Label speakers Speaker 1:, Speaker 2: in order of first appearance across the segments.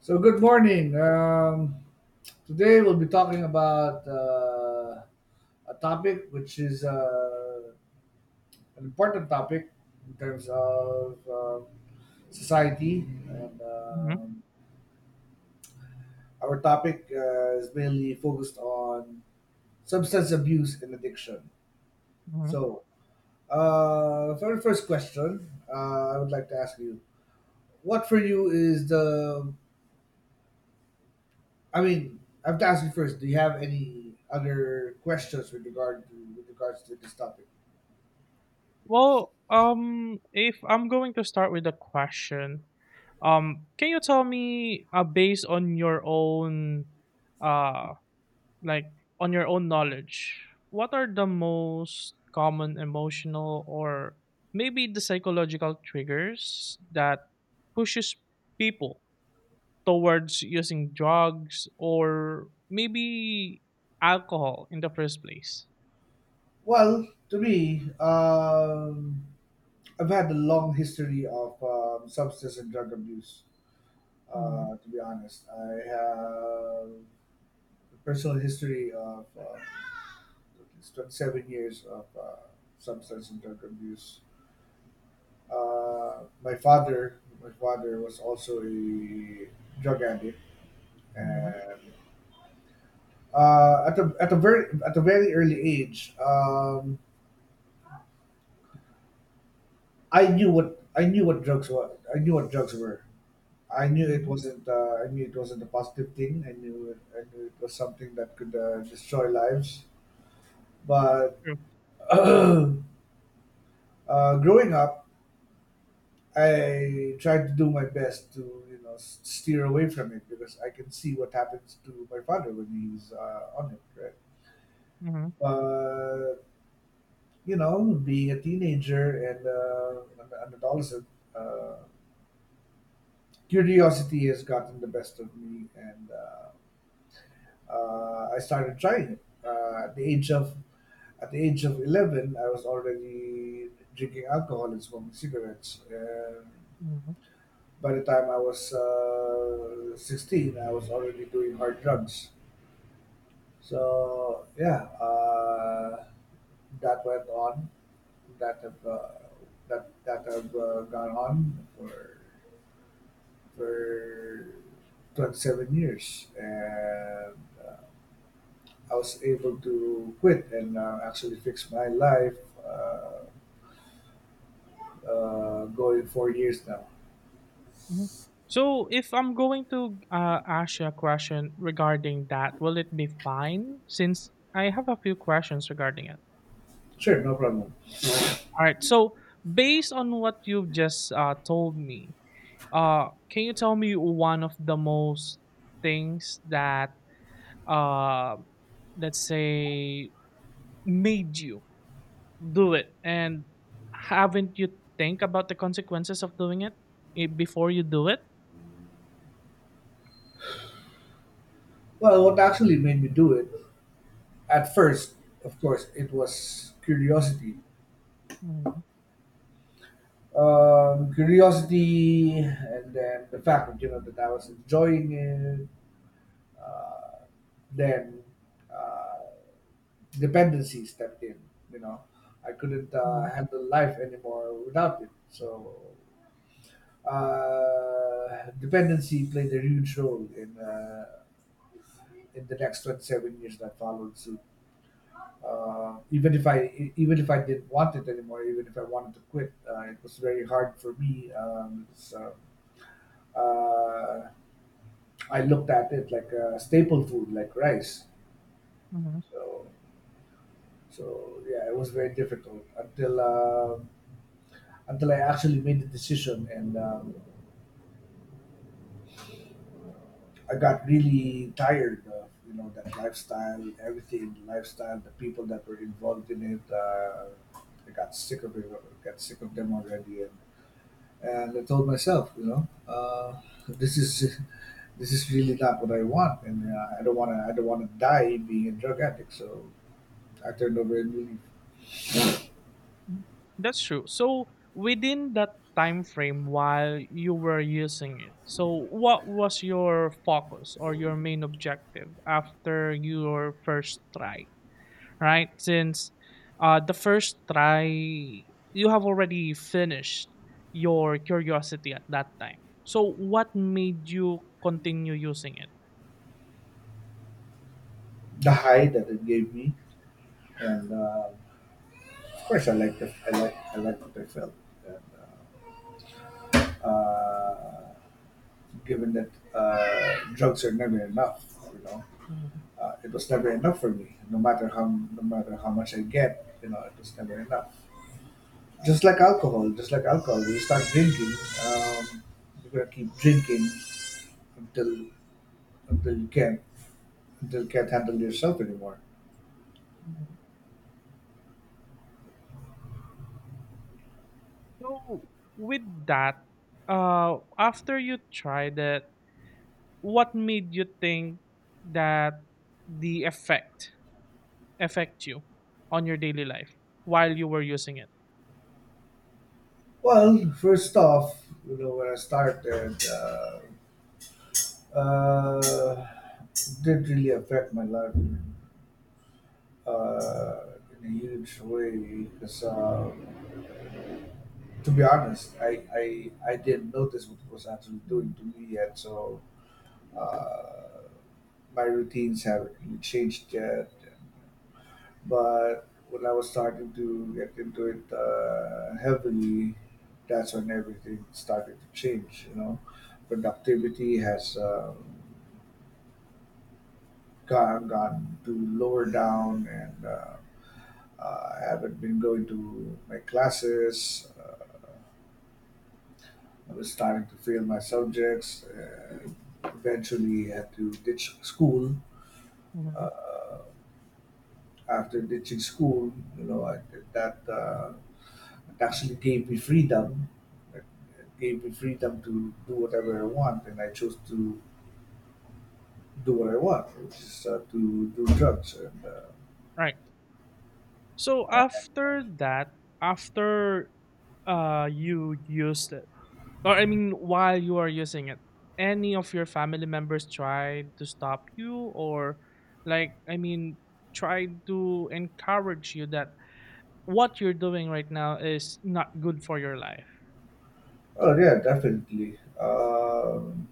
Speaker 1: So good morning. Today we'll be talking about a topic which is an important topic in terms of society, and
Speaker 2: Mhm,
Speaker 1: our topic is mainly focused on substance abuse and addiction.
Speaker 2: mhm.
Speaker 1: So, for the first question, I would like to ask you, what for you is the I mean, I have to ask you first. Do you have any other questions with regard to with regards to this topic?
Speaker 2: Well, if I'm going to start with a question, can you tell me, based on your own, uh, like on your own knowledge, what are the most common emotional or maybe the psychological triggers that pushes people towards using drugs or maybe alcohol in the first place?
Speaker 1: Well, to me, I've had a long history of substance and drug abuse.
Speaker 2: Mm-hmm,
Speaker 1: To be honest, I have a personal history of at least 27 years of substance and drug abuse. Uh, my father was also a drug addict,
Speaker 2: mm-hmm,
Speaker 1: and at a very early age, I knew what drugs were. I knew what drugs were.
Speaker 2: mm-hmm.
Speaker 1: I knew it wasn't a positive thing. I knew it was something that could destroy lives. But
Speaker 2: True.
Speaker 1: uh, growing up, I tried to do my best to you know steer away from it because I can see what happens to my father when he's on it. Right.
Speaker 2: Mm-hmm,
Speaker 1: But you know, being a teenager and uh, an adolescent, uh, curiosity has gotten the best of me, and I started trying it. At the age of at the age of 11, I was already drinking alcohol and smoking cigarettes. And by the time I was 16, I was already doing hard drugs. So yeah, that went on. That have uh, that have gone on for 27 years, and uh, I was able to quit and actually fix my life. Uh, Going 4 years now.
Speaker 2: Mhm. So if I'm going to ask you a question regarding that, will it be fine? Since I have a few questions regarding it.
Speaker 1: Sure, no problem.
Speaker 2: All right. So based on what you've just told me, can you tell me one of the most things that uh, let's say made you do it, and haven't you think about the consequences of doing it before you do it?
Speaker 1: Well, what actually made me do it at first, of course, it was curiosity
Speaker 2: hmm
Speaker 1: curiosity and then the fact that you know that I was enjoying it. Uh, then uh, Dependency stepped in. You know, I couldn't handle life anymore without it. So dependency played a huge role in the next 27 years that followed suit. Uh, even if I didn't want it anymore, even if I wanted to quit, it was very hard for me. Because, uh, I looked at it like a staple food, like rice. So, so yeah, it was very difficult until I actually made the decision, and I got really tired of you know that lifestyle, everything, the lifestyle, the people that were involved in it. I got sick of it. Got sick of them already, and I told myself, you know, this is this is really not what I want, and uh, I don't want to die being a drug addict. So I turned over and really
Speaker 2: That's true. So within that time frame while you were using it, so what was your focus or your main objective after your first try, right? Since the first try, you have already finished your curiosity at that time. So what made you continue using it?
Speaker 1: the high that it gave me, and of course I liked it. I liked what I felt. And, uh, uh, given that drugs are never enough, you know,
Speaker 2: Mhm,
Speaker 1: it was never enough for me. No matter how much I get, you know, it was never enough. Just like alcohol, just like alcohol, you start drinking, um, you're gonna keep drinking until until you can't until you can't handle yourself anymore.
Speaker 2: mhm. So with that, after you tried it, what made you think that the effect affect you on your daily life while you were using it?
Speaker 1: Well, first off, you know when I started, uh, it did really affect my life uh, in a huge way because, to be honest, I didn't notice what it was actually doing
Speaker 2: Mhm.
Speaker 1: to me yet. So uh, my routines have changed yet, but when I was starting to get into it heavily, that's when everything started to change. You know, productivity has um, gone to lower down, and I haven't been going to my classes. I was starting to fail my subjects. Eventually, had to ditch school.
Speaker 2: Mhm.
Speaker 1: Uh, After ditching school, you know, I, that it actually gave me freedom. It it gave me freedom to do whatever I want, and I chose to do what I want, which is to do drugs. And
Speaker 2: Right. So after that, after you used it, or I mean while you are using it, any of your family members tried to stop you or like tried to encourage you that what you're doing right now is not good for your life.
Speaker 1: oh yeah, definitely.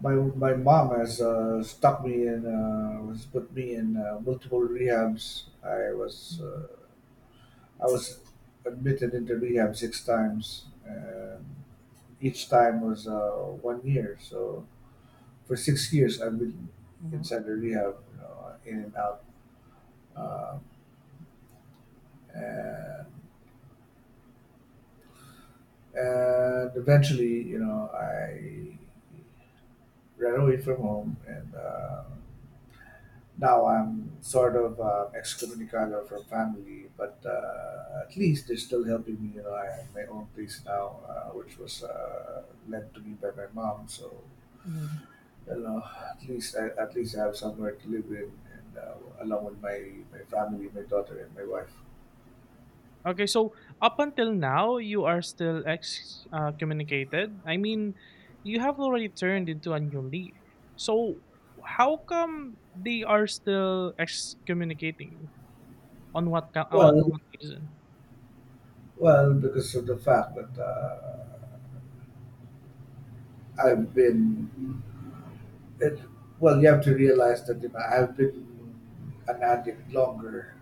Speaker 1: My mom has has put me in multiple rehabs.
Speaker 2: Mhm.
Speaker 1: I was admitted into rehab six times. And each time was 1 year. So for 6 years, I've been inside the rehab, you know, in and out, um, and and eventually, you know, I ran away from home, and now I'm sort of excommunicado from family. But at least they're still helping me. You know, I have my own place now, which was lent to me by my mom. So
Speaker 2: Mhm.
Speaker 1: well, at least I have somewhere to live in, and along with my family, my daughter, and my wife.
Speaker 2: Okay, so up until now, you are still excommunicated. I mean, you have already turned into a new leaf. So how come they are still excommunicating you? On what
Speaker 1: Well,
Speaker 2: on what reason?
Speaker 1: well, because of the fact that I've been, it, well, you have to realize that you know, I've been an addict longer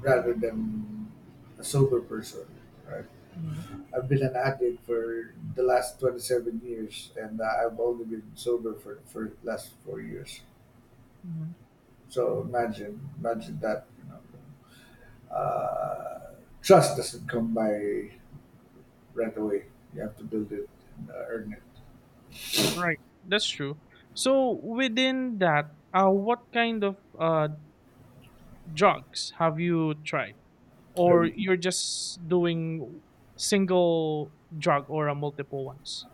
Speaker 1: rather than a sober person. Right?
Speaker 2: hmm
Speaker 1: I've been an addict for the last 27 years, and I've only been sober for the last 4 years.
Speaker 2: hmm
Speaker 1: So imagine, imagine that. You know. Uh, Trust doesn't come by right away. You have to build it and earn it.
Speaker 2: Right, that's true. So within that, what kind of drugs have you tried, or
Speaker 1: Everything.
Speaker 2: you're just doing single drug or a multiple ones?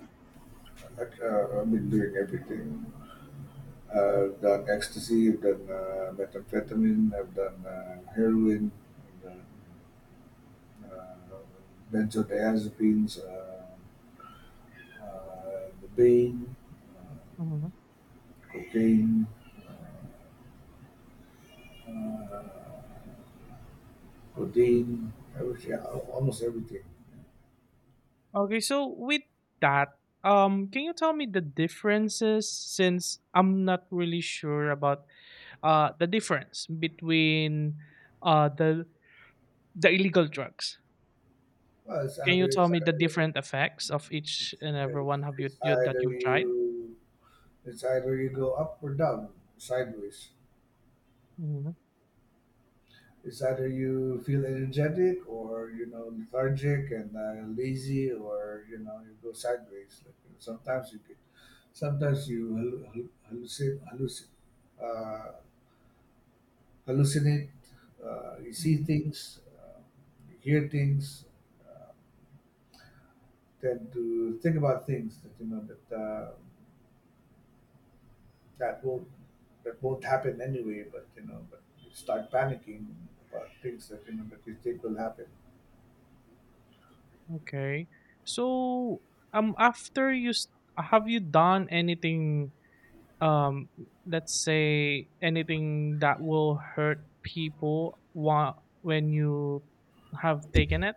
Speaker 1: I've been doing everything. I've done ecstasy, I've done methamphetamine, I've done heroin, I've done uh, benzodiazepines, the Bane,
Speaker 2: Mm-hmm.
Speaker 1: uh, cocaine, uh, uh, codeine, everything, yeah, almost everything.
Speaker 2: Okay, so with that, can you tell me the differences since I'm not really sure about the difference between uh the the illegal drugs?
Speaker 1: Well, it's
Speaker 2: Can
Speaker 1: either
Speaker 2: you tell
Speaker 1: it's
Speaker 2: me the
Speaker 1: either
Speaker 2: different effects of each and every
Speaker 1: it's,
Speaker 2: one have
Speaker 1: it's
Speaker 2: you
Speaker 1: either
Speaker 2: that you've tried?
Speaker 1: you it's either you go up or down sideways.
Speaker 2: Mhm,
Speaker 1: It's either you feel energetic or you know lethargic and lazy, or you know you go sideways. Like you know, sometimes you hallucin, uh, hallucinate. You see
Speaker 2: mhm.
Speaker 1: things, you hear things, uh, tend to think about things that you know that won't that won't happen anyway. But you know, but you start panicking about things that you know that you think will happen.
Speaker 2: Okay. So after you have you done anything um let's say anything that will hurt people while when you have taken it.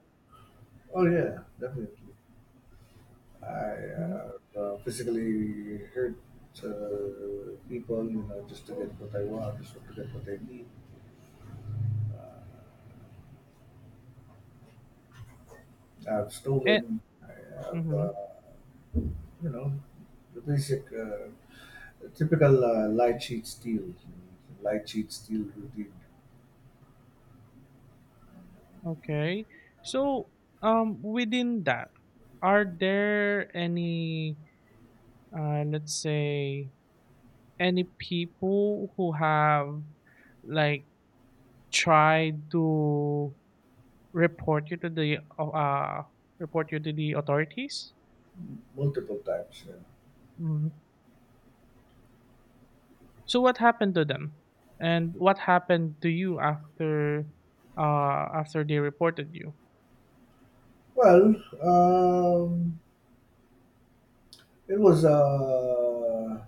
Speaker 1: Oh yeah, definitely. I
Speaker 2: Mm-hmm.
Speaker 1: uh, physically hurt people, you know, just to get what I want, just to get what I need. Uh, I've
Speaker 2: Eh,
Speaker 1: stolen. Have,
Speaker 2: mm-hmm.
Speaker 1: uh, you know, the basic, typical know, lie, cheat, steal routine
Speaker 2: Okay, so within that, are there any let's say any people who have like tried to report you to the authorities?
Speaker 1: multiple times. Yeah.
Speaker 2: Mm-hmm. So what happened to them? And what happened to you after after they reported you?
Speaker 1: Well, um, it was uh,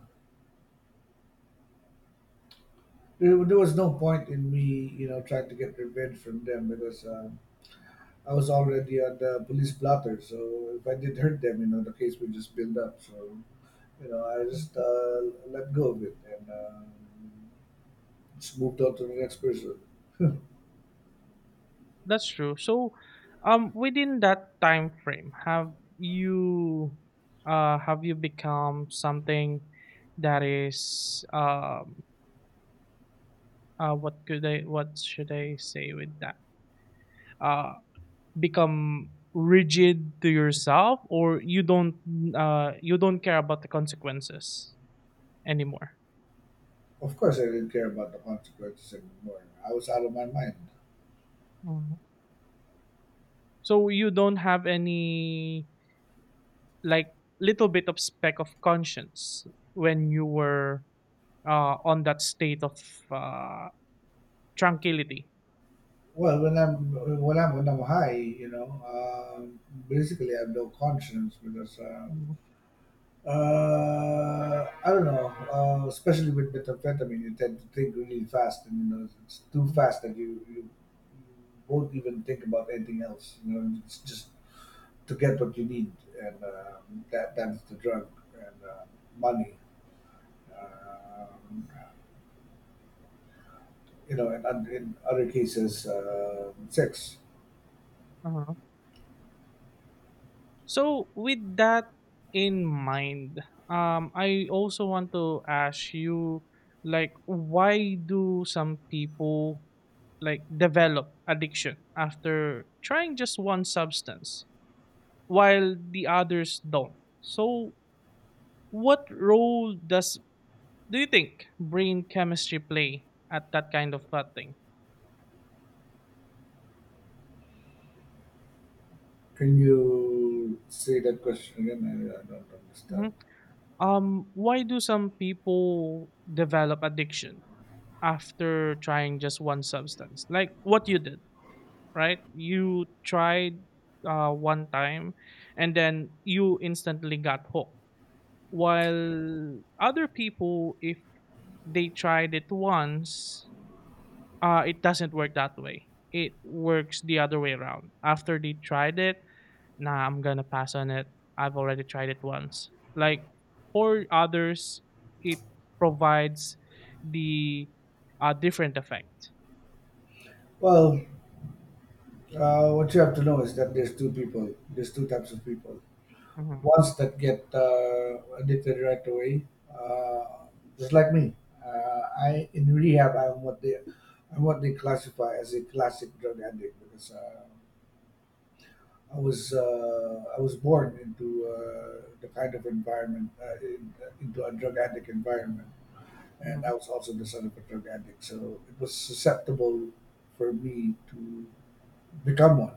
Speaker 1: there was no point in me, you know, trying to get revenge from them because I was already on the police blotter. So if I did hurt them, you know, the case would just build up. So you know, I just let go of it and just moved on to the next person.
Speaker 2: That's true. So within that time frame, have you become something that is what could I what should I say with that? Uh Become rigid to yourself or you don't care about the consequences anymore?
Speaker 1: Of course, I didn't care about the consequences anymore. I was out of my mind.
Speaker 2: Mm. So you don't have any like little bit of speck of conscience when you were on that state of uh, tranquility.
Speaker 1: Well, when I'm high, you know, basically I have no conscience because
Speaker 2: Mhm,
Speaker 1: I don't know. Especially with methamphetamine, you tend to think really fast, and you know, it's too
Speaker 2: mhm.
Speaker 1: fast that you won't even think about anything else. You know, it's just to get what you need, and that that's the drug and money. Um you know, and in other cases, sex.
Speaker 2: Uh-huh. So with that in mind, I also want to ask you, why do some people like develop addiction after trying just one substance while the others don't? So what role does do you think brain chemistry play at that kind of thought thing?
Speaker 1: Can you say that question again? I don't understand.
Speaker 2: Mhm. Why do some people develop addiction after trying just one substance? Like what you did, right? You tried one time, and then you instantly got hooked. While other people, if they tried it once it doesn't work that way. It works the other way around. After they tried it, nah, I'm gonna pass on it. I've already tried it once. Like for others, it provides the different effect.
Speaker 1: Well, what you have to know is that there's two people. There's two types of people.
Speaker 2: hmm
Speaker 1: Ones that get addicted right away, uh, just like me. Uh, I in rehab, I'm what they, I'm what they classify as a classic drug addict because I was born into the kind of environment into a drug addict environment. And
Speaker 2: hmm
Speaker 1: I was also the son of a drug addict, so it was susceptible for me to become one.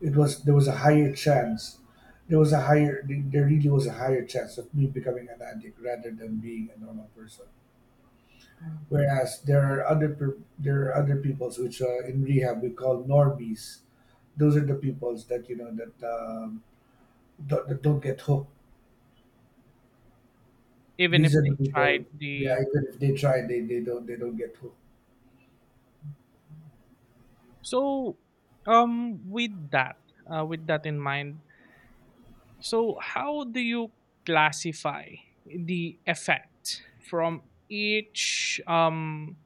Speaker 1: It was There was a higher chance. There really was a higher chance of me becoming an addict rather than being a normal person.
Speaker 2: hmm
Speaker 1: Whereas there are there are other peoples which in rehab we call normies. Those are the peoples that you know that don't, that don't get hooked.
Speaker 2: Even
Speaker 1: These
Speaker 2: if
Speaker 1: are the
Speaker 2: they
Speaker 1: people.
Speaker 2: tried
Speaker 1: Yeah,
Speaker 2: the,
Speaker 1: even if they try, they don't get hooked.
Speaker 2: so um with that with that in mind, so how do you classify the effect from each um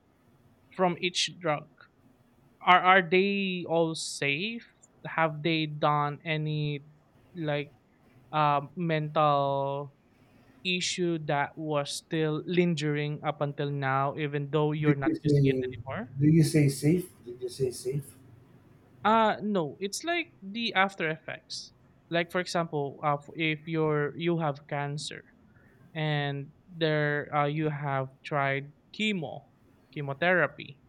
Speaker 2: from each drug? Are they all safe? Have they done any like mental issue that was still lingering up until now, even though
Speaker 1: Did
Speaker 2: you're
Speaker 1: you
Speaker 2: not using it
Speaker 1: say
Speaker 2: anymore?
Speaker 1: did you say safe? Did you say safe?
Speaker 2: No, it's like the after effects. Like for example, if you're you have cancer, and there you have tried chemotherapy,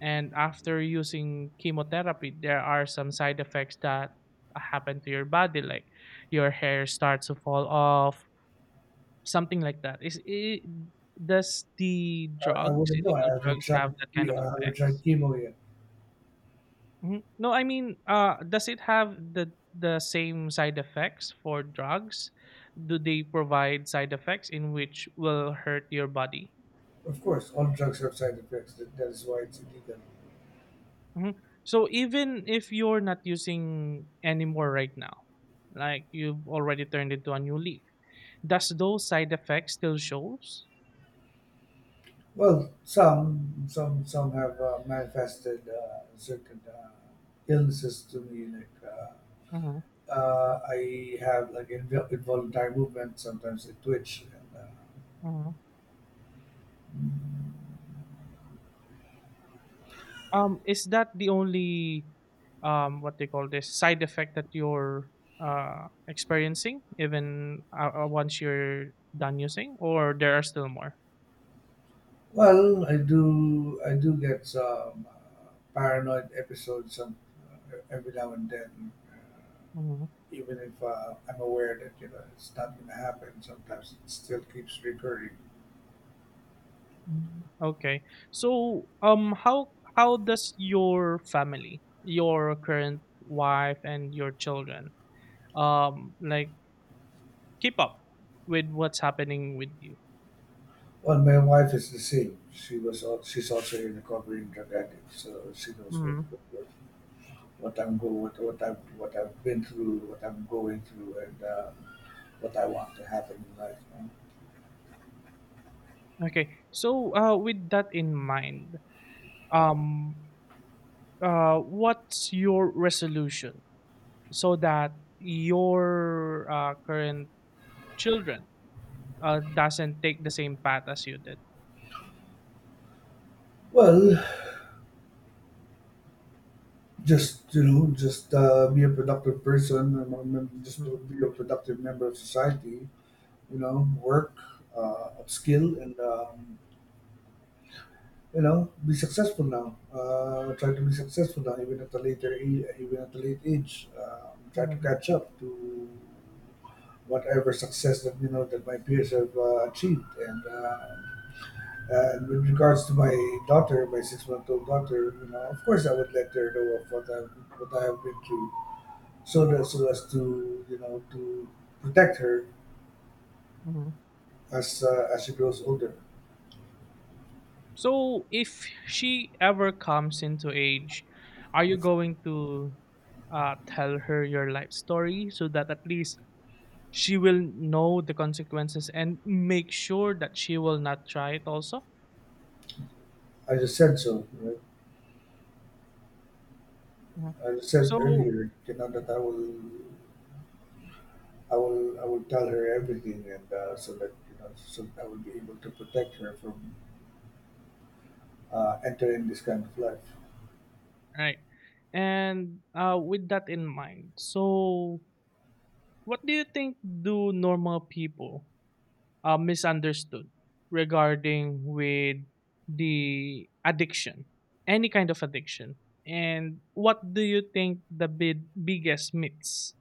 Speaker 2: and after using chemotherapy there are some side effects that happen to your body, like your hair starts to fall off, something like that. Is it, does the
Speaker 1: I
Speaker 2: drugs
Speaker 1: wouldn't know.
Speaker 2: illegal drugs have that kind of
Speaker 1: I haven't tried
Speaker 2: effects?
Speaker 1: chemo yet.
Speaker 2: Mhm. No, I mean does it have the same side effects for drugs? Do they provide side effects in which will hurt your body?
Speaker 1: Of course, all drugs have side effects. That is why it's illegal.
Speaker 2: Mhm. So even if you're not using anymore right now, like you've already turned it to a new leaf, does those side effects still shows?
Speaker 1: Well, some have manifested certain illnesses to me. Like
Speaker 2: hmm
Speaker 1: I have like involuntary movement. Sometimes I twitch. And,
Speaker 2: hmm is that the only what they call this side effect that you're experiencing even once you're done using, or there are still more?
Speaker 1: well, I do get some paranoid episodes every now and then. Uh,
Speaker 2: Mm-hmm.
Speaker 1: even if I'm aware that you know it's not going to happen, sometimes it still keeps recurring.
Speaker 2: Mm, okay. So, how does your family, your current wife and your children, like keep up with what's happening with you?
Speaker 1: Well, my wife is the same. She's also a recovering drug addict, so she knows
Speaker 2: hmm
Speaker 1: what I'm go what I've been through, what I'm going through, and what I want to happen in life, man.
Speaker 2: Okay. So, with that in mind, um, what's your resolution so that your current children doesn't take the same path as you did?
Speaker 1: Well, just be a productive person, and just to be a productive member of society. Work, upskill, and be successful now, try to be successful now even at a late age, try to
Speaker 2: Mm-hmm.
Speaker 1: catch up to whatever success that that my peers have achieved, and with regards to my daughter, my six-month-old daughter. You know, of course, I would let her know of what I have been through, so as to you know to protect her as she grows older.
Speaker 2: So if she ever comes into age, are you going to tell her your life story so that at least she will know the consequences and make sure that she will not try it also?
Speaker 1: I just said so, right?
Speaker 2: Mhm.
Speaker 1: I just said
Speaker 2: So,
Speaker 1: earlier, you know, that I will tell her everything, and so that so I will be able to protect her from entering this kind of life.
Speaker 2: right. And with that in mind, so what do you think do normal people misunderstood regarding with the addiction, any kind of addiction. And what do you think the biggest myths,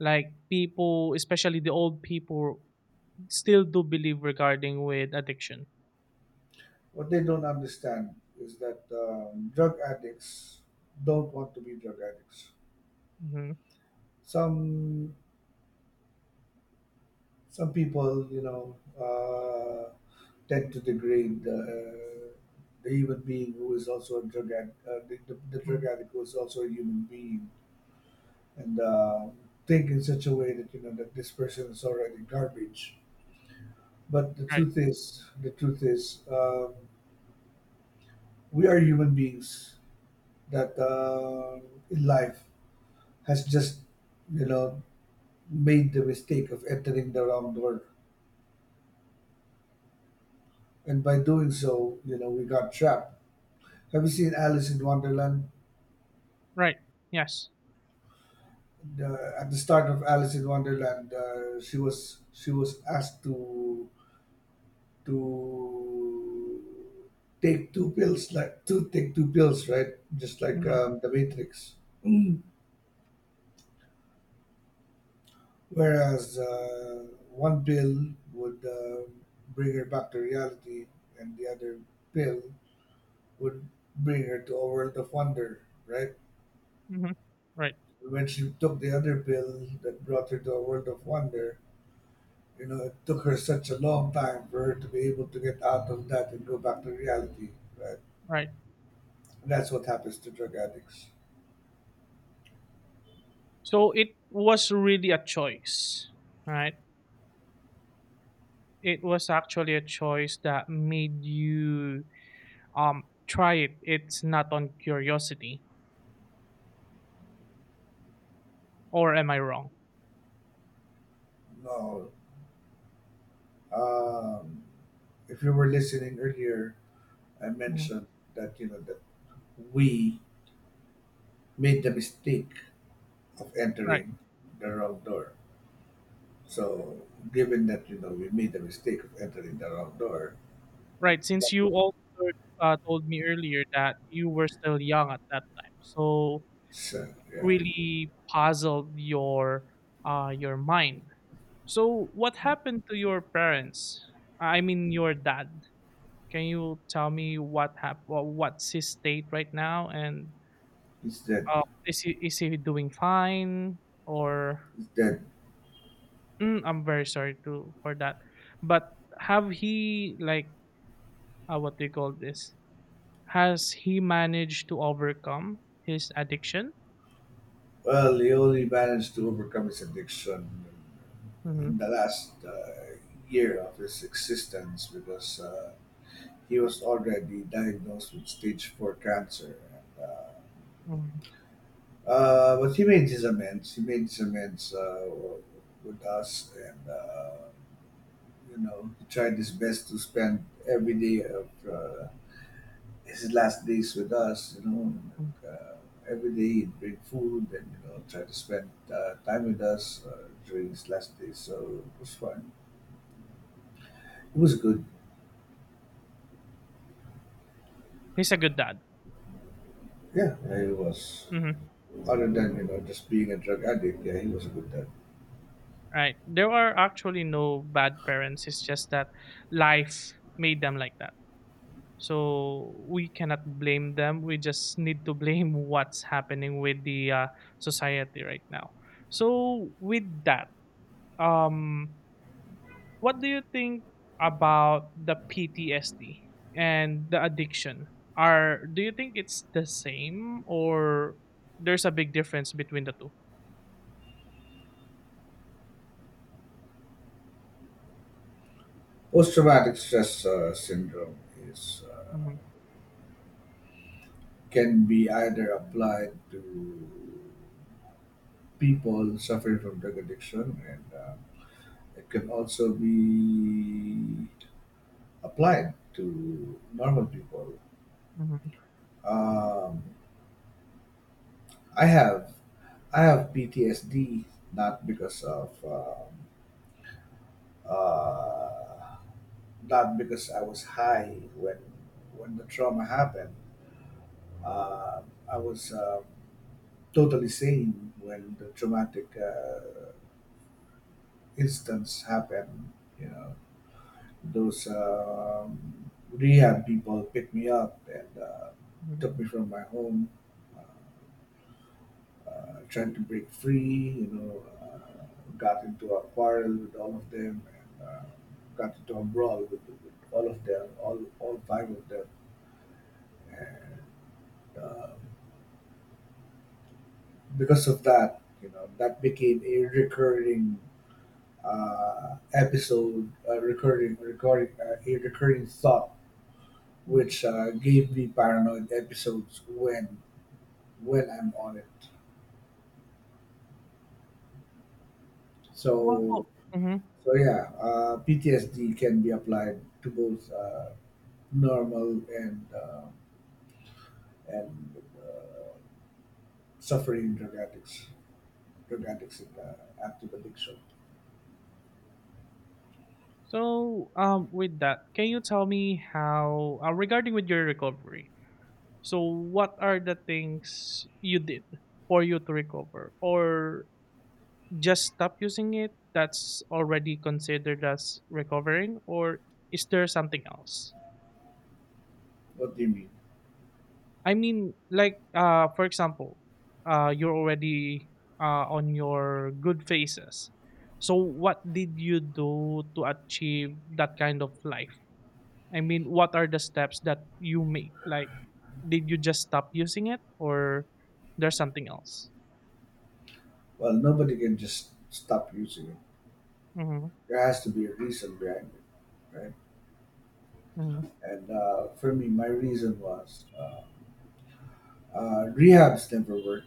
Speaker 2: like people, especially the old people, still do believe regarding with addiction?
Speaker 1: What they don't understand is that drug addicts don't want to be drug addicts.
Speaker 2: hmm
Speaker 1: Some some people, you know, tend to degrade the human being who is also a drug ad- the drug
Speaker 2: hmm
Speaker 1: addict who is also a human being, and think in such a way that you know that this person is already garbage. But the
Speaker 2: Right,
Speaker 1: truth is, the truth is, um, we are human beings that in life has just, you know, made the mistake of entering the wrong door, and by doing so, you know, we got trapped. Have you seen Alice in Wonderland?
Speaker 2: right, yes,
Speaker 1: At the start of Alice in Wonderland, she was asked to take 2 pills, like to take two pills, right? Just like
Speaker 2: hmm
Speaker 1: the Matrix. Whereas one pill would bring her back to reality, and the other pill would bring her to a world of wonder, right?
Speaker 2: hmm right,
Speaker 1: When she took the other pill that brought her to a world of wonder, you know, it took her such a long time for her to be able to get out of that and go back to reality, right?
Speaker 2: right.
Speaker 1: That's what happens to drug addicts.
Speaker 2: So it was really a choice, right? It was actually a choice that made you try it. It's not on curiosity, or am I wrong?
Speaker 1: No, um, if you were listening earlier, I
Speaker 2: Mm,
Speaker 1: mentioned that you know that we made the mistake of
Speaker 2: right,
Speaker 1: entering the wrong door. So, given that you know we made the mistake of entering the wrong door,
Speaker 2: right.
Speaker 1: that
Speaker 2: Since you
Speaker 1: was
Speaker 2: also told me earlier that you were still young at that time, so
Speaker 1: so yeah,
Speaker 2: really puzzled your mind. So what happened to your parents? I mean, your dad. Can you tell me what what's his state right now, and
Speaker 1: it's that
Speaker 2: is he doing fine or?
Speaker 1: it's that.
Speaker 2: Mm, I'm very sorry to for that. But have he like what do you call this? Has he managed to overcome his addiction?
Speaker 1: Well, he only managed to overcome his addiction in the
Speaker 2: hmm
Speaker 1: last year of his existence, because he was already diagnosed with stage 4 cancer. And, uh,
Speaker 2: hmm
Speaker 1: uh, but he made his amends. He made his amends with us, and you know, he tried his best to spend every day of his last days with us, you know. And, uh, every day he'd bring food and, you know, try to spend time with us during his last days. So it was fun. It was good.
Speaker 2: He's a good dad.
Speaker 1: Yeah, yeah, he was.
Speaker 2: hmm
Speaker 1: Other than, you know, just being a drug addict, yeah, he was a good dad.
Speaker 2: Right. There are actually no bad parents. It's just that life made them like that. So we cannot blame them. We just need to blame what's happening with the society right now. So with that, um, what do you think about the PTSD and the addiction? Are do you think it's the same or there's a big difference between the two?
Speaker 1: Post traumatic stress syndrome is.
Speaker 2: Mhm,
Speaker 1: Can be either applied to people suffering from drug addiction, and it can also be applied to normal people.
Speaker 2: mhm,
Speaker 1: Um, I have I have PTSD not because of uh, not because I was high when the trauma happened. Uh, I was totally sane when the traumatic instance happened. You know, those rehab people picked me up and
Speaker 2: mhm,
Speaker 1: took me from my home, uh, trying to break free, you know, got into a quarrel with all of them, and got into a brawl with all of them, all five of them. And uh, because of that, you know, that became a recurring episode, a recurring thought
Speaker 2: mhm.
Speaker 1: which gave me paranoid episodes when I'm on it.
Speaker 2: Well,
Speaker 1: So
Speaker 2: mhm.
Speaker 1: so yeah, PTSD can be applied to both normal and and uh, suffering drug addicts, in active addiction.
Speaker 2: So, with that, can you tell me how, regarding with your recovery? So, what are the things you did for you to recover, or just stop using it that's already considered as recovering, or is there something else?
Speaker 1: What do you mean?
Speaker 2: I mean like for example you're already on your good phases, so what did you do to achieve that kind of life? I mean what are the steps that you made, like did you just stop using it, or there's something else?
Speaker 1: Well, nobody can just stop using it.
Speaker 2: mm-hmm,
Speaker 1: There has to be a reason behind it, right?
Speaker 2: mm-hmm,
Speaker 1: And for me, my reason was rehabs never work.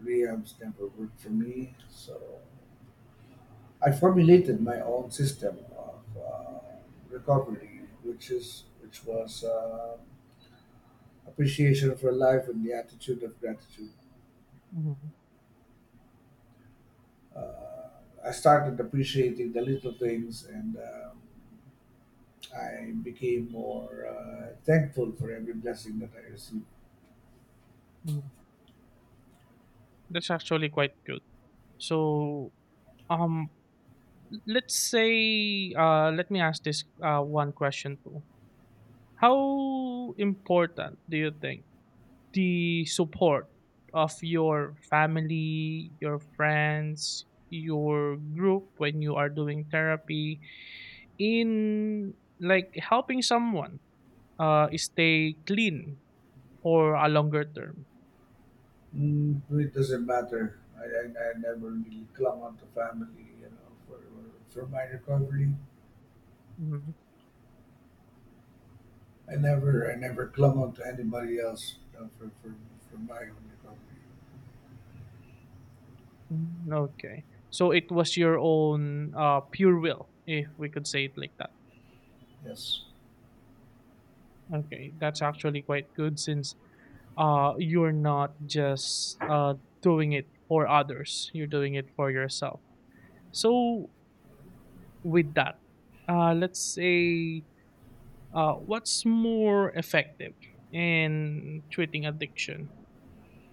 Speaker 1: Rehab's never worked for me, so I formulated my own system of recovery, which was appreciation for life and the attitude of gratitude.
Speaker 2: mm-hmm,
Speaker 1: Uh, I started appreciating the little things, and I became more thankful for every blessing that I received.
Speaker 2: hmm that's actually quite good. So um let's say let me ask this one question too. How important do you think the support of your family, your friends, your group when you are doing therapy in like helping someone stay clean for a longer term?
Speaker 1: Mm, it doesn't matter. I never really clung on to family, you know, for my recovery.
Speaker 2: Mhm.
Speaker 1: I never clung on to anybody else, you know, for my own recovery.
Speaker 2: Mm, okay. So it was your own pure will if we could say it like that.
Speaker 1: Yes.
Speaker 2: Okay, that's actually quite good since you're not just doing it for others, you're doing it for yourself. So, with that, let's say what's more effective in treating addiction?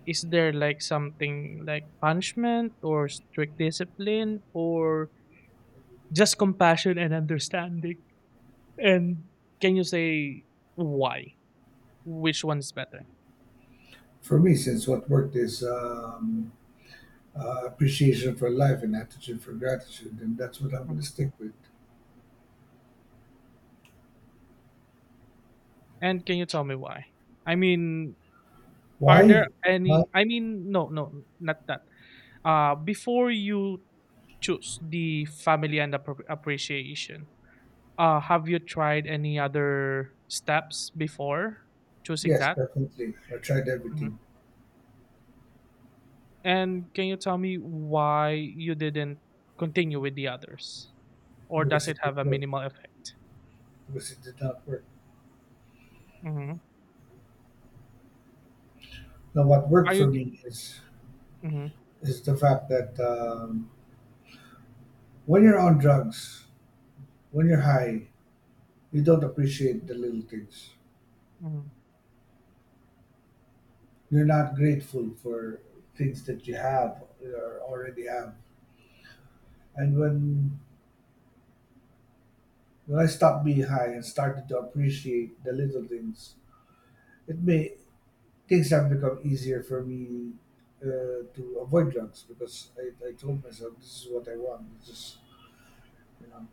Speaker 2: Is there like something like punishment or strict discipline, or just compassion and understanding? And can you say why? Which one is better?
Speaker 1: For me, since what worked is appreciation for life and attitude for gratitude, and that's what I'm going to
Speaker 2: Mhm.
Speaker 1: stick with.
Speaker 2: And can you tell me why? I mean, are there
Speaker 1: Why? Why?
Speaker 2: any, I mean no, no, not that. Before you choose the family and appreciation, have you tried any other steps before choosing
Speaker 1: Yes,
Speaker 2: that?
Speaker 1: definitely. I tried
Speaker 2: Mhm.
Speaker 1: everything.
Speaker 2: And can you tell me why you didn't continue with the others? Or does
Speaker 1: Because
Speaker 2: it
Speaker 1: it did
Speaker 2: have a
Speaker 1: work.
Speaker 2: minimal effect?
Speaker 1: Because it did not work.
Speaker 2: hmm
Speaker 1: Now, what
Speaker 2: Are
Speaker 1: worked for
Speaker 2: you?
Speaker 1: me is
Speaker 2: hmm
Speaker 1: is the fact that when you're on drugs, when you're high, you don't appreciate the little things.
Speaker 2: hmm
Speaker 1: You're not grateful for things that you have or already have. And when I stopped being high and started to appreciate the little things, it may things have become easier for me to avoid drugs, because I told myself this is what I want. This is, you know,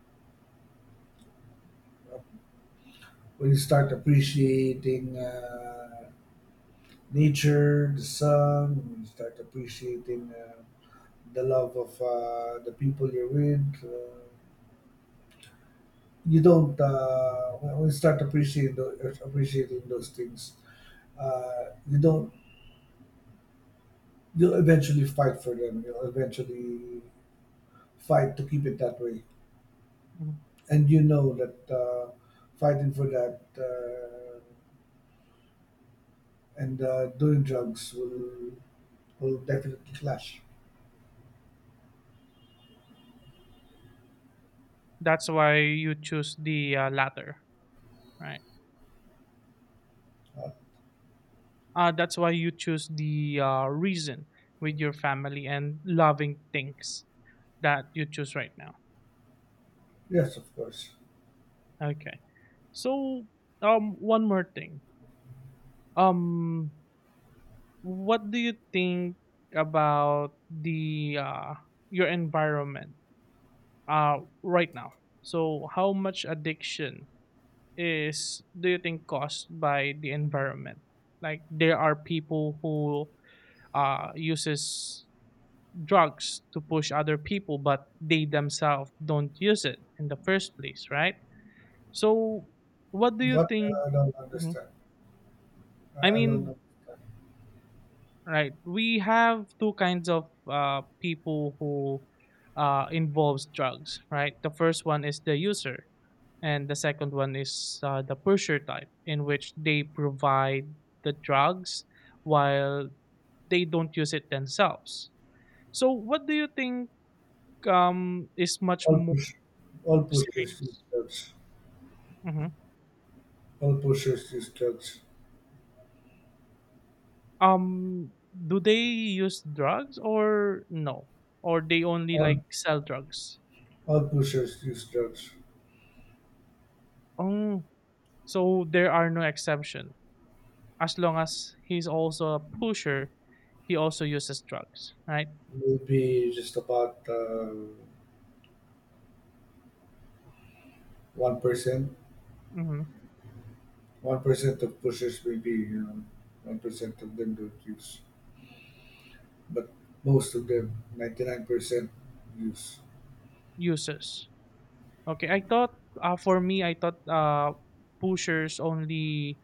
Speaker 1: when you start appreciating nature, the sun, when you start appreciating the love of the people you're with. You don't When you start appreciating those things, you don't you'll eventually fight for them. You'll eventually fight to keep it that way, and you know that fighting for that and doing drugs will definitely clash.
Speaker 2: That's why you choose the latter, right?
Speaker 1: uh,
Speaker 2: That's why you choose the reason with your family and loving things that you choose right now.
Speaker 1: yes, of course.
Speaker 2: Okay. So one more thing, um what do you think about the your environment uh right now? So how much addiction is do you think caused by the environment? Like there are people who uses drugs to push other people, but they themselves don't use it in the first place, right? So, what do you
Speaker 1: But
Speaker 2: think?
Speaker 1: I don't
Speaker 2: Mhm.
Speaker 1: understand. I
Speaker 2: I
Speaker 1: I don't
Speaker 2: mean,
Speaker 1: understand.
Speaker 2: right, we have two kinds of people who involves drugs, right? The first one is the user, and the second one is the pusher type, in which they provide the drugs while they don't use it themselves. So, what do you think, is much
Speaker 1: all
Speaker 2: more
Speaker 1: push all pushers use
Speaker 2: serious?
Speaker 1: drugs.
Speaker 2: Mm-hmm.
Speaker 1: All pushers use drugs.
Speaker 2: Do they use drugs or no? Or they only
Speaker 1: all
Speaker 2: like sell drugs?
Speaker 1: all pushers use drugs.
Speaker 2: Oh, so there are no exception. As long as he's also a pusher, he also uses drugs, right?
Speaker 1: Maybe just about 1%.
Speaker 2: Mm-hmm.
Speaker 1: 1% of pushers, maybe, you know, 1% of them don't use, but most of them, 99%, use.
Speaker 2: Uses. Okay, I thought for me, I thought pushers only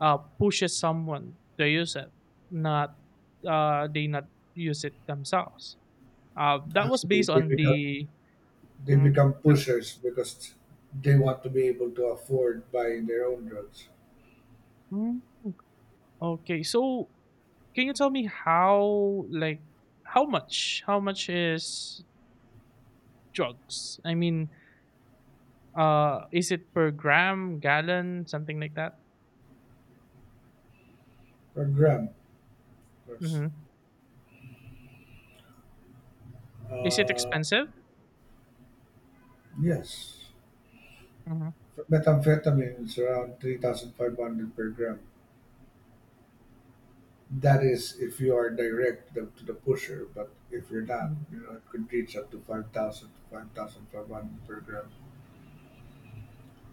Speaker 2: pushes someone to use it, not they not use it themselves. That was
Speaker 1: Actually,
Speaker 2: based
Speaker 1: they
Speaker 2: on
Speaker 1: become
Speaker 2: the.
Speaker 1: they become pushers because they want to be able to afford buying their own drugs.
Speaker 2: Mhm. Okay, so can you tell me how like how much is drugs? I mean, is it per gram, gallon, something like that?
Speaker 1: Or gram. Of course.
Speaker 2: Mm-hmm. Is it
Speaker 1: Uh,
Speaker 2: expensive?
Speaker 1: yes,
Speaker 2: Mm-hmm.
Speaker 1: methamphetamine is around 3,500 per gram. That is, if you are direct to the pusher, but if you're not,
Speaker 2: Hmm.
Speaker 1: you know, it could reach up to 5,000 to 5,500 per gram.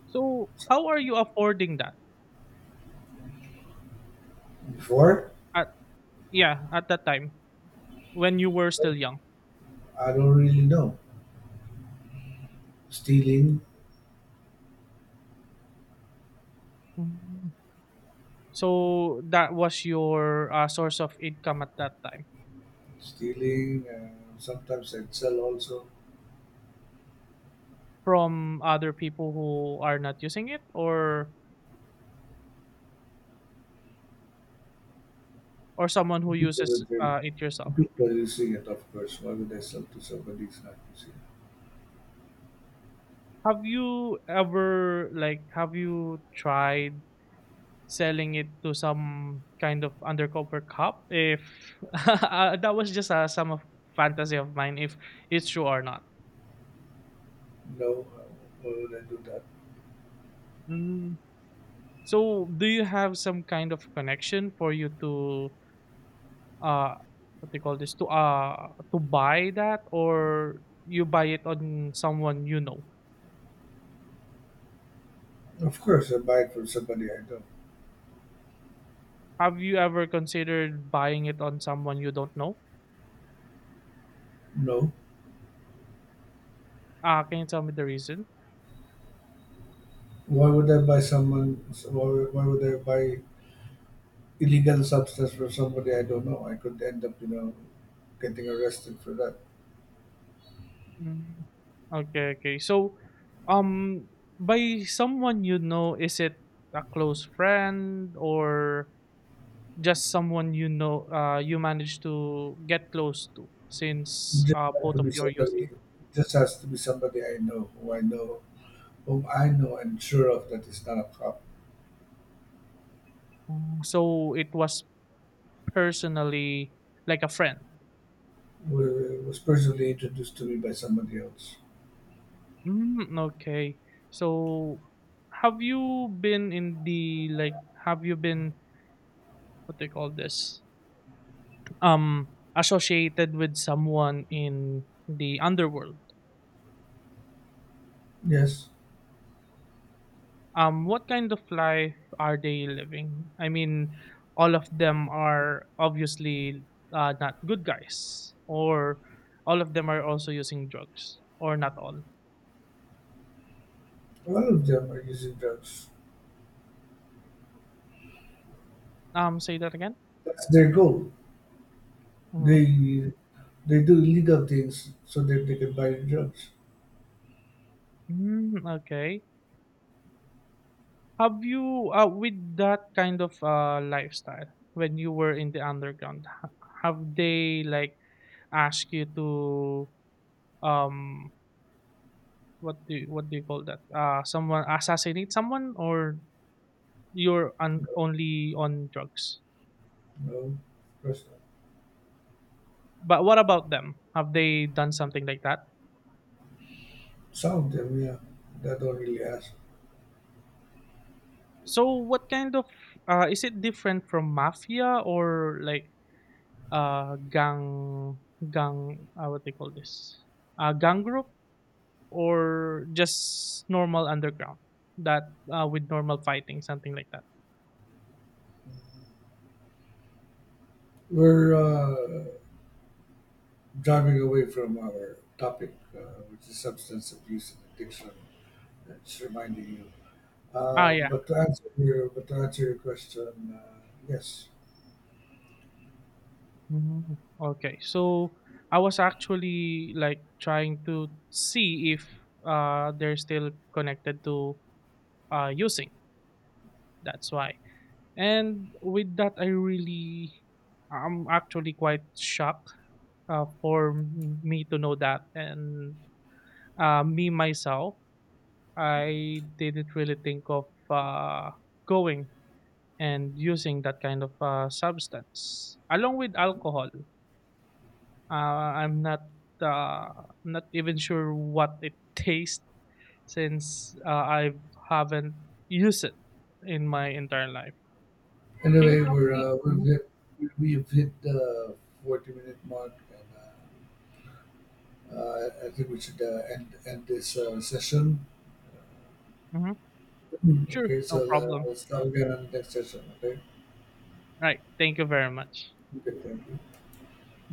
Speaker 2: So how are you affording that?
Speaker 1: Before,
Speaker 2: At yeah, at that time when you were still young.
Speaker 1: I don't really know. Stealing,
Speaker 2: Mhm. So that was your source of income at that time,
Speaker 1: stealing. Sometimes I sell also.
Speaker 2: from other people who are not using it, or someone
Speaker 1: To
Speaker 2: who
Speaker 1: people
Speaker 2: uses it yourself.
Speaker 1: using it, of course. Why would I sell to somebody who's not using it?
Speaker 2: Have you ever like have you tried selling it to some kind of undercover cop if that was just some of fantasy of mine if it's true or not.
Speaker 1: No, why would I do that?
Speaker 2: Mm. So do you have some kind of connection for you to uh what they call this to buy that, or you buy it on someone you know?
Speaker 1: Of course, I buy it from somebody I don't
Speaker 2: Have you ever considered buying it on someone you don't know?
Speaker 1: know.
Speaker 2: Uh, can you tell me the reason?
Speaker 1: Why would I buy someone? Why, why would I buy illegal substance from somebody I don't know? I could end up, you know, getting arrested for that.
Speaker 2: Mm. Okay, okay. So, um, by someone you know, is it a close friend or just someone you know, you managed to get close to since
Speaker 1: Just has to
Speaker 2: both of
Speaker 1: be
Speaker 2: you are
Speaker 1: somebody.
Speaker 2: using?
Speaker 1: Just has to be somebody I know, who I know, whom I know and sure of that is not a cop.
Speaker 2: Mm. So it was personally like a friend.
Speaker 1: Was personally introduced to me by somebody else.
Speaker 2: Mm, okay. So have you been in the like? Have you been what they call this? Um, Associated with someone in the underworld?
Speaker 1: Yes,
Speaker 2: What kind of life are they living? I mean, all of them are obviously not good guys, or all of them are also using drugs, or not all.
Speaker 1: a lot of them are using drugs.
Speaker 2: Say that again.
Speaker 1: That's their goal.
Speaker 2: Hmm.
Speaker 1: They they do illegal things so that they can buy the drugs.
Speaker 2: Mm, okay. Have you, with that kind of lifestyle, when you were in the underground, have they like ask you to, um, what do you call that? Someone assassinate someone or you're
Speaker 1: No,
Speaker 2: on only on drugs.
Speaker 1: no, of course not.
Speaker 2: But what about them? Have they done something like that?
Speaker 1: Some of them, yeah, that don't really ask.
Speaker 2: So what kind of is it different from mafia, or like uh gang gang what they call this, gang group, or just normal underground that with normal fighting something like that?
Speaker 1: We're driving away from our topic, which is substance abuse and addiction. It's reminding you.
Speaker 2: Ah,
Speaker 1: Um,
Speaker 2: yeah.
Speaker 1: but to answer your question, yes.
Speaker 2: Mm, okay. So I was actually like trying to see if they're still connected to using. That's why. And with that, I really, I'm actually quite shocked me to know that. And me myself, I didn't really think of uh, going and using that kind of substance along with alcohol. Uh, I'm not uh, not even sure what it tastes since I haven't used it in my entire life. Can you
Speaker 1: Anyway,
Speaker 2: tell me?
Speaker 1: we've hit the 40 minute mark, and I think we should end this session. Uh,
Speaker 2: Mhm. Sure,
Speaker 1: Okay, so
Speaker 2: no
Speaker 1: uh,
Speaker 2: problem.
Speaker 1: let's start again on the next session. Okay.
Speaker 2: All right, thank you very much.
Speaker 1: Okay. Thank you.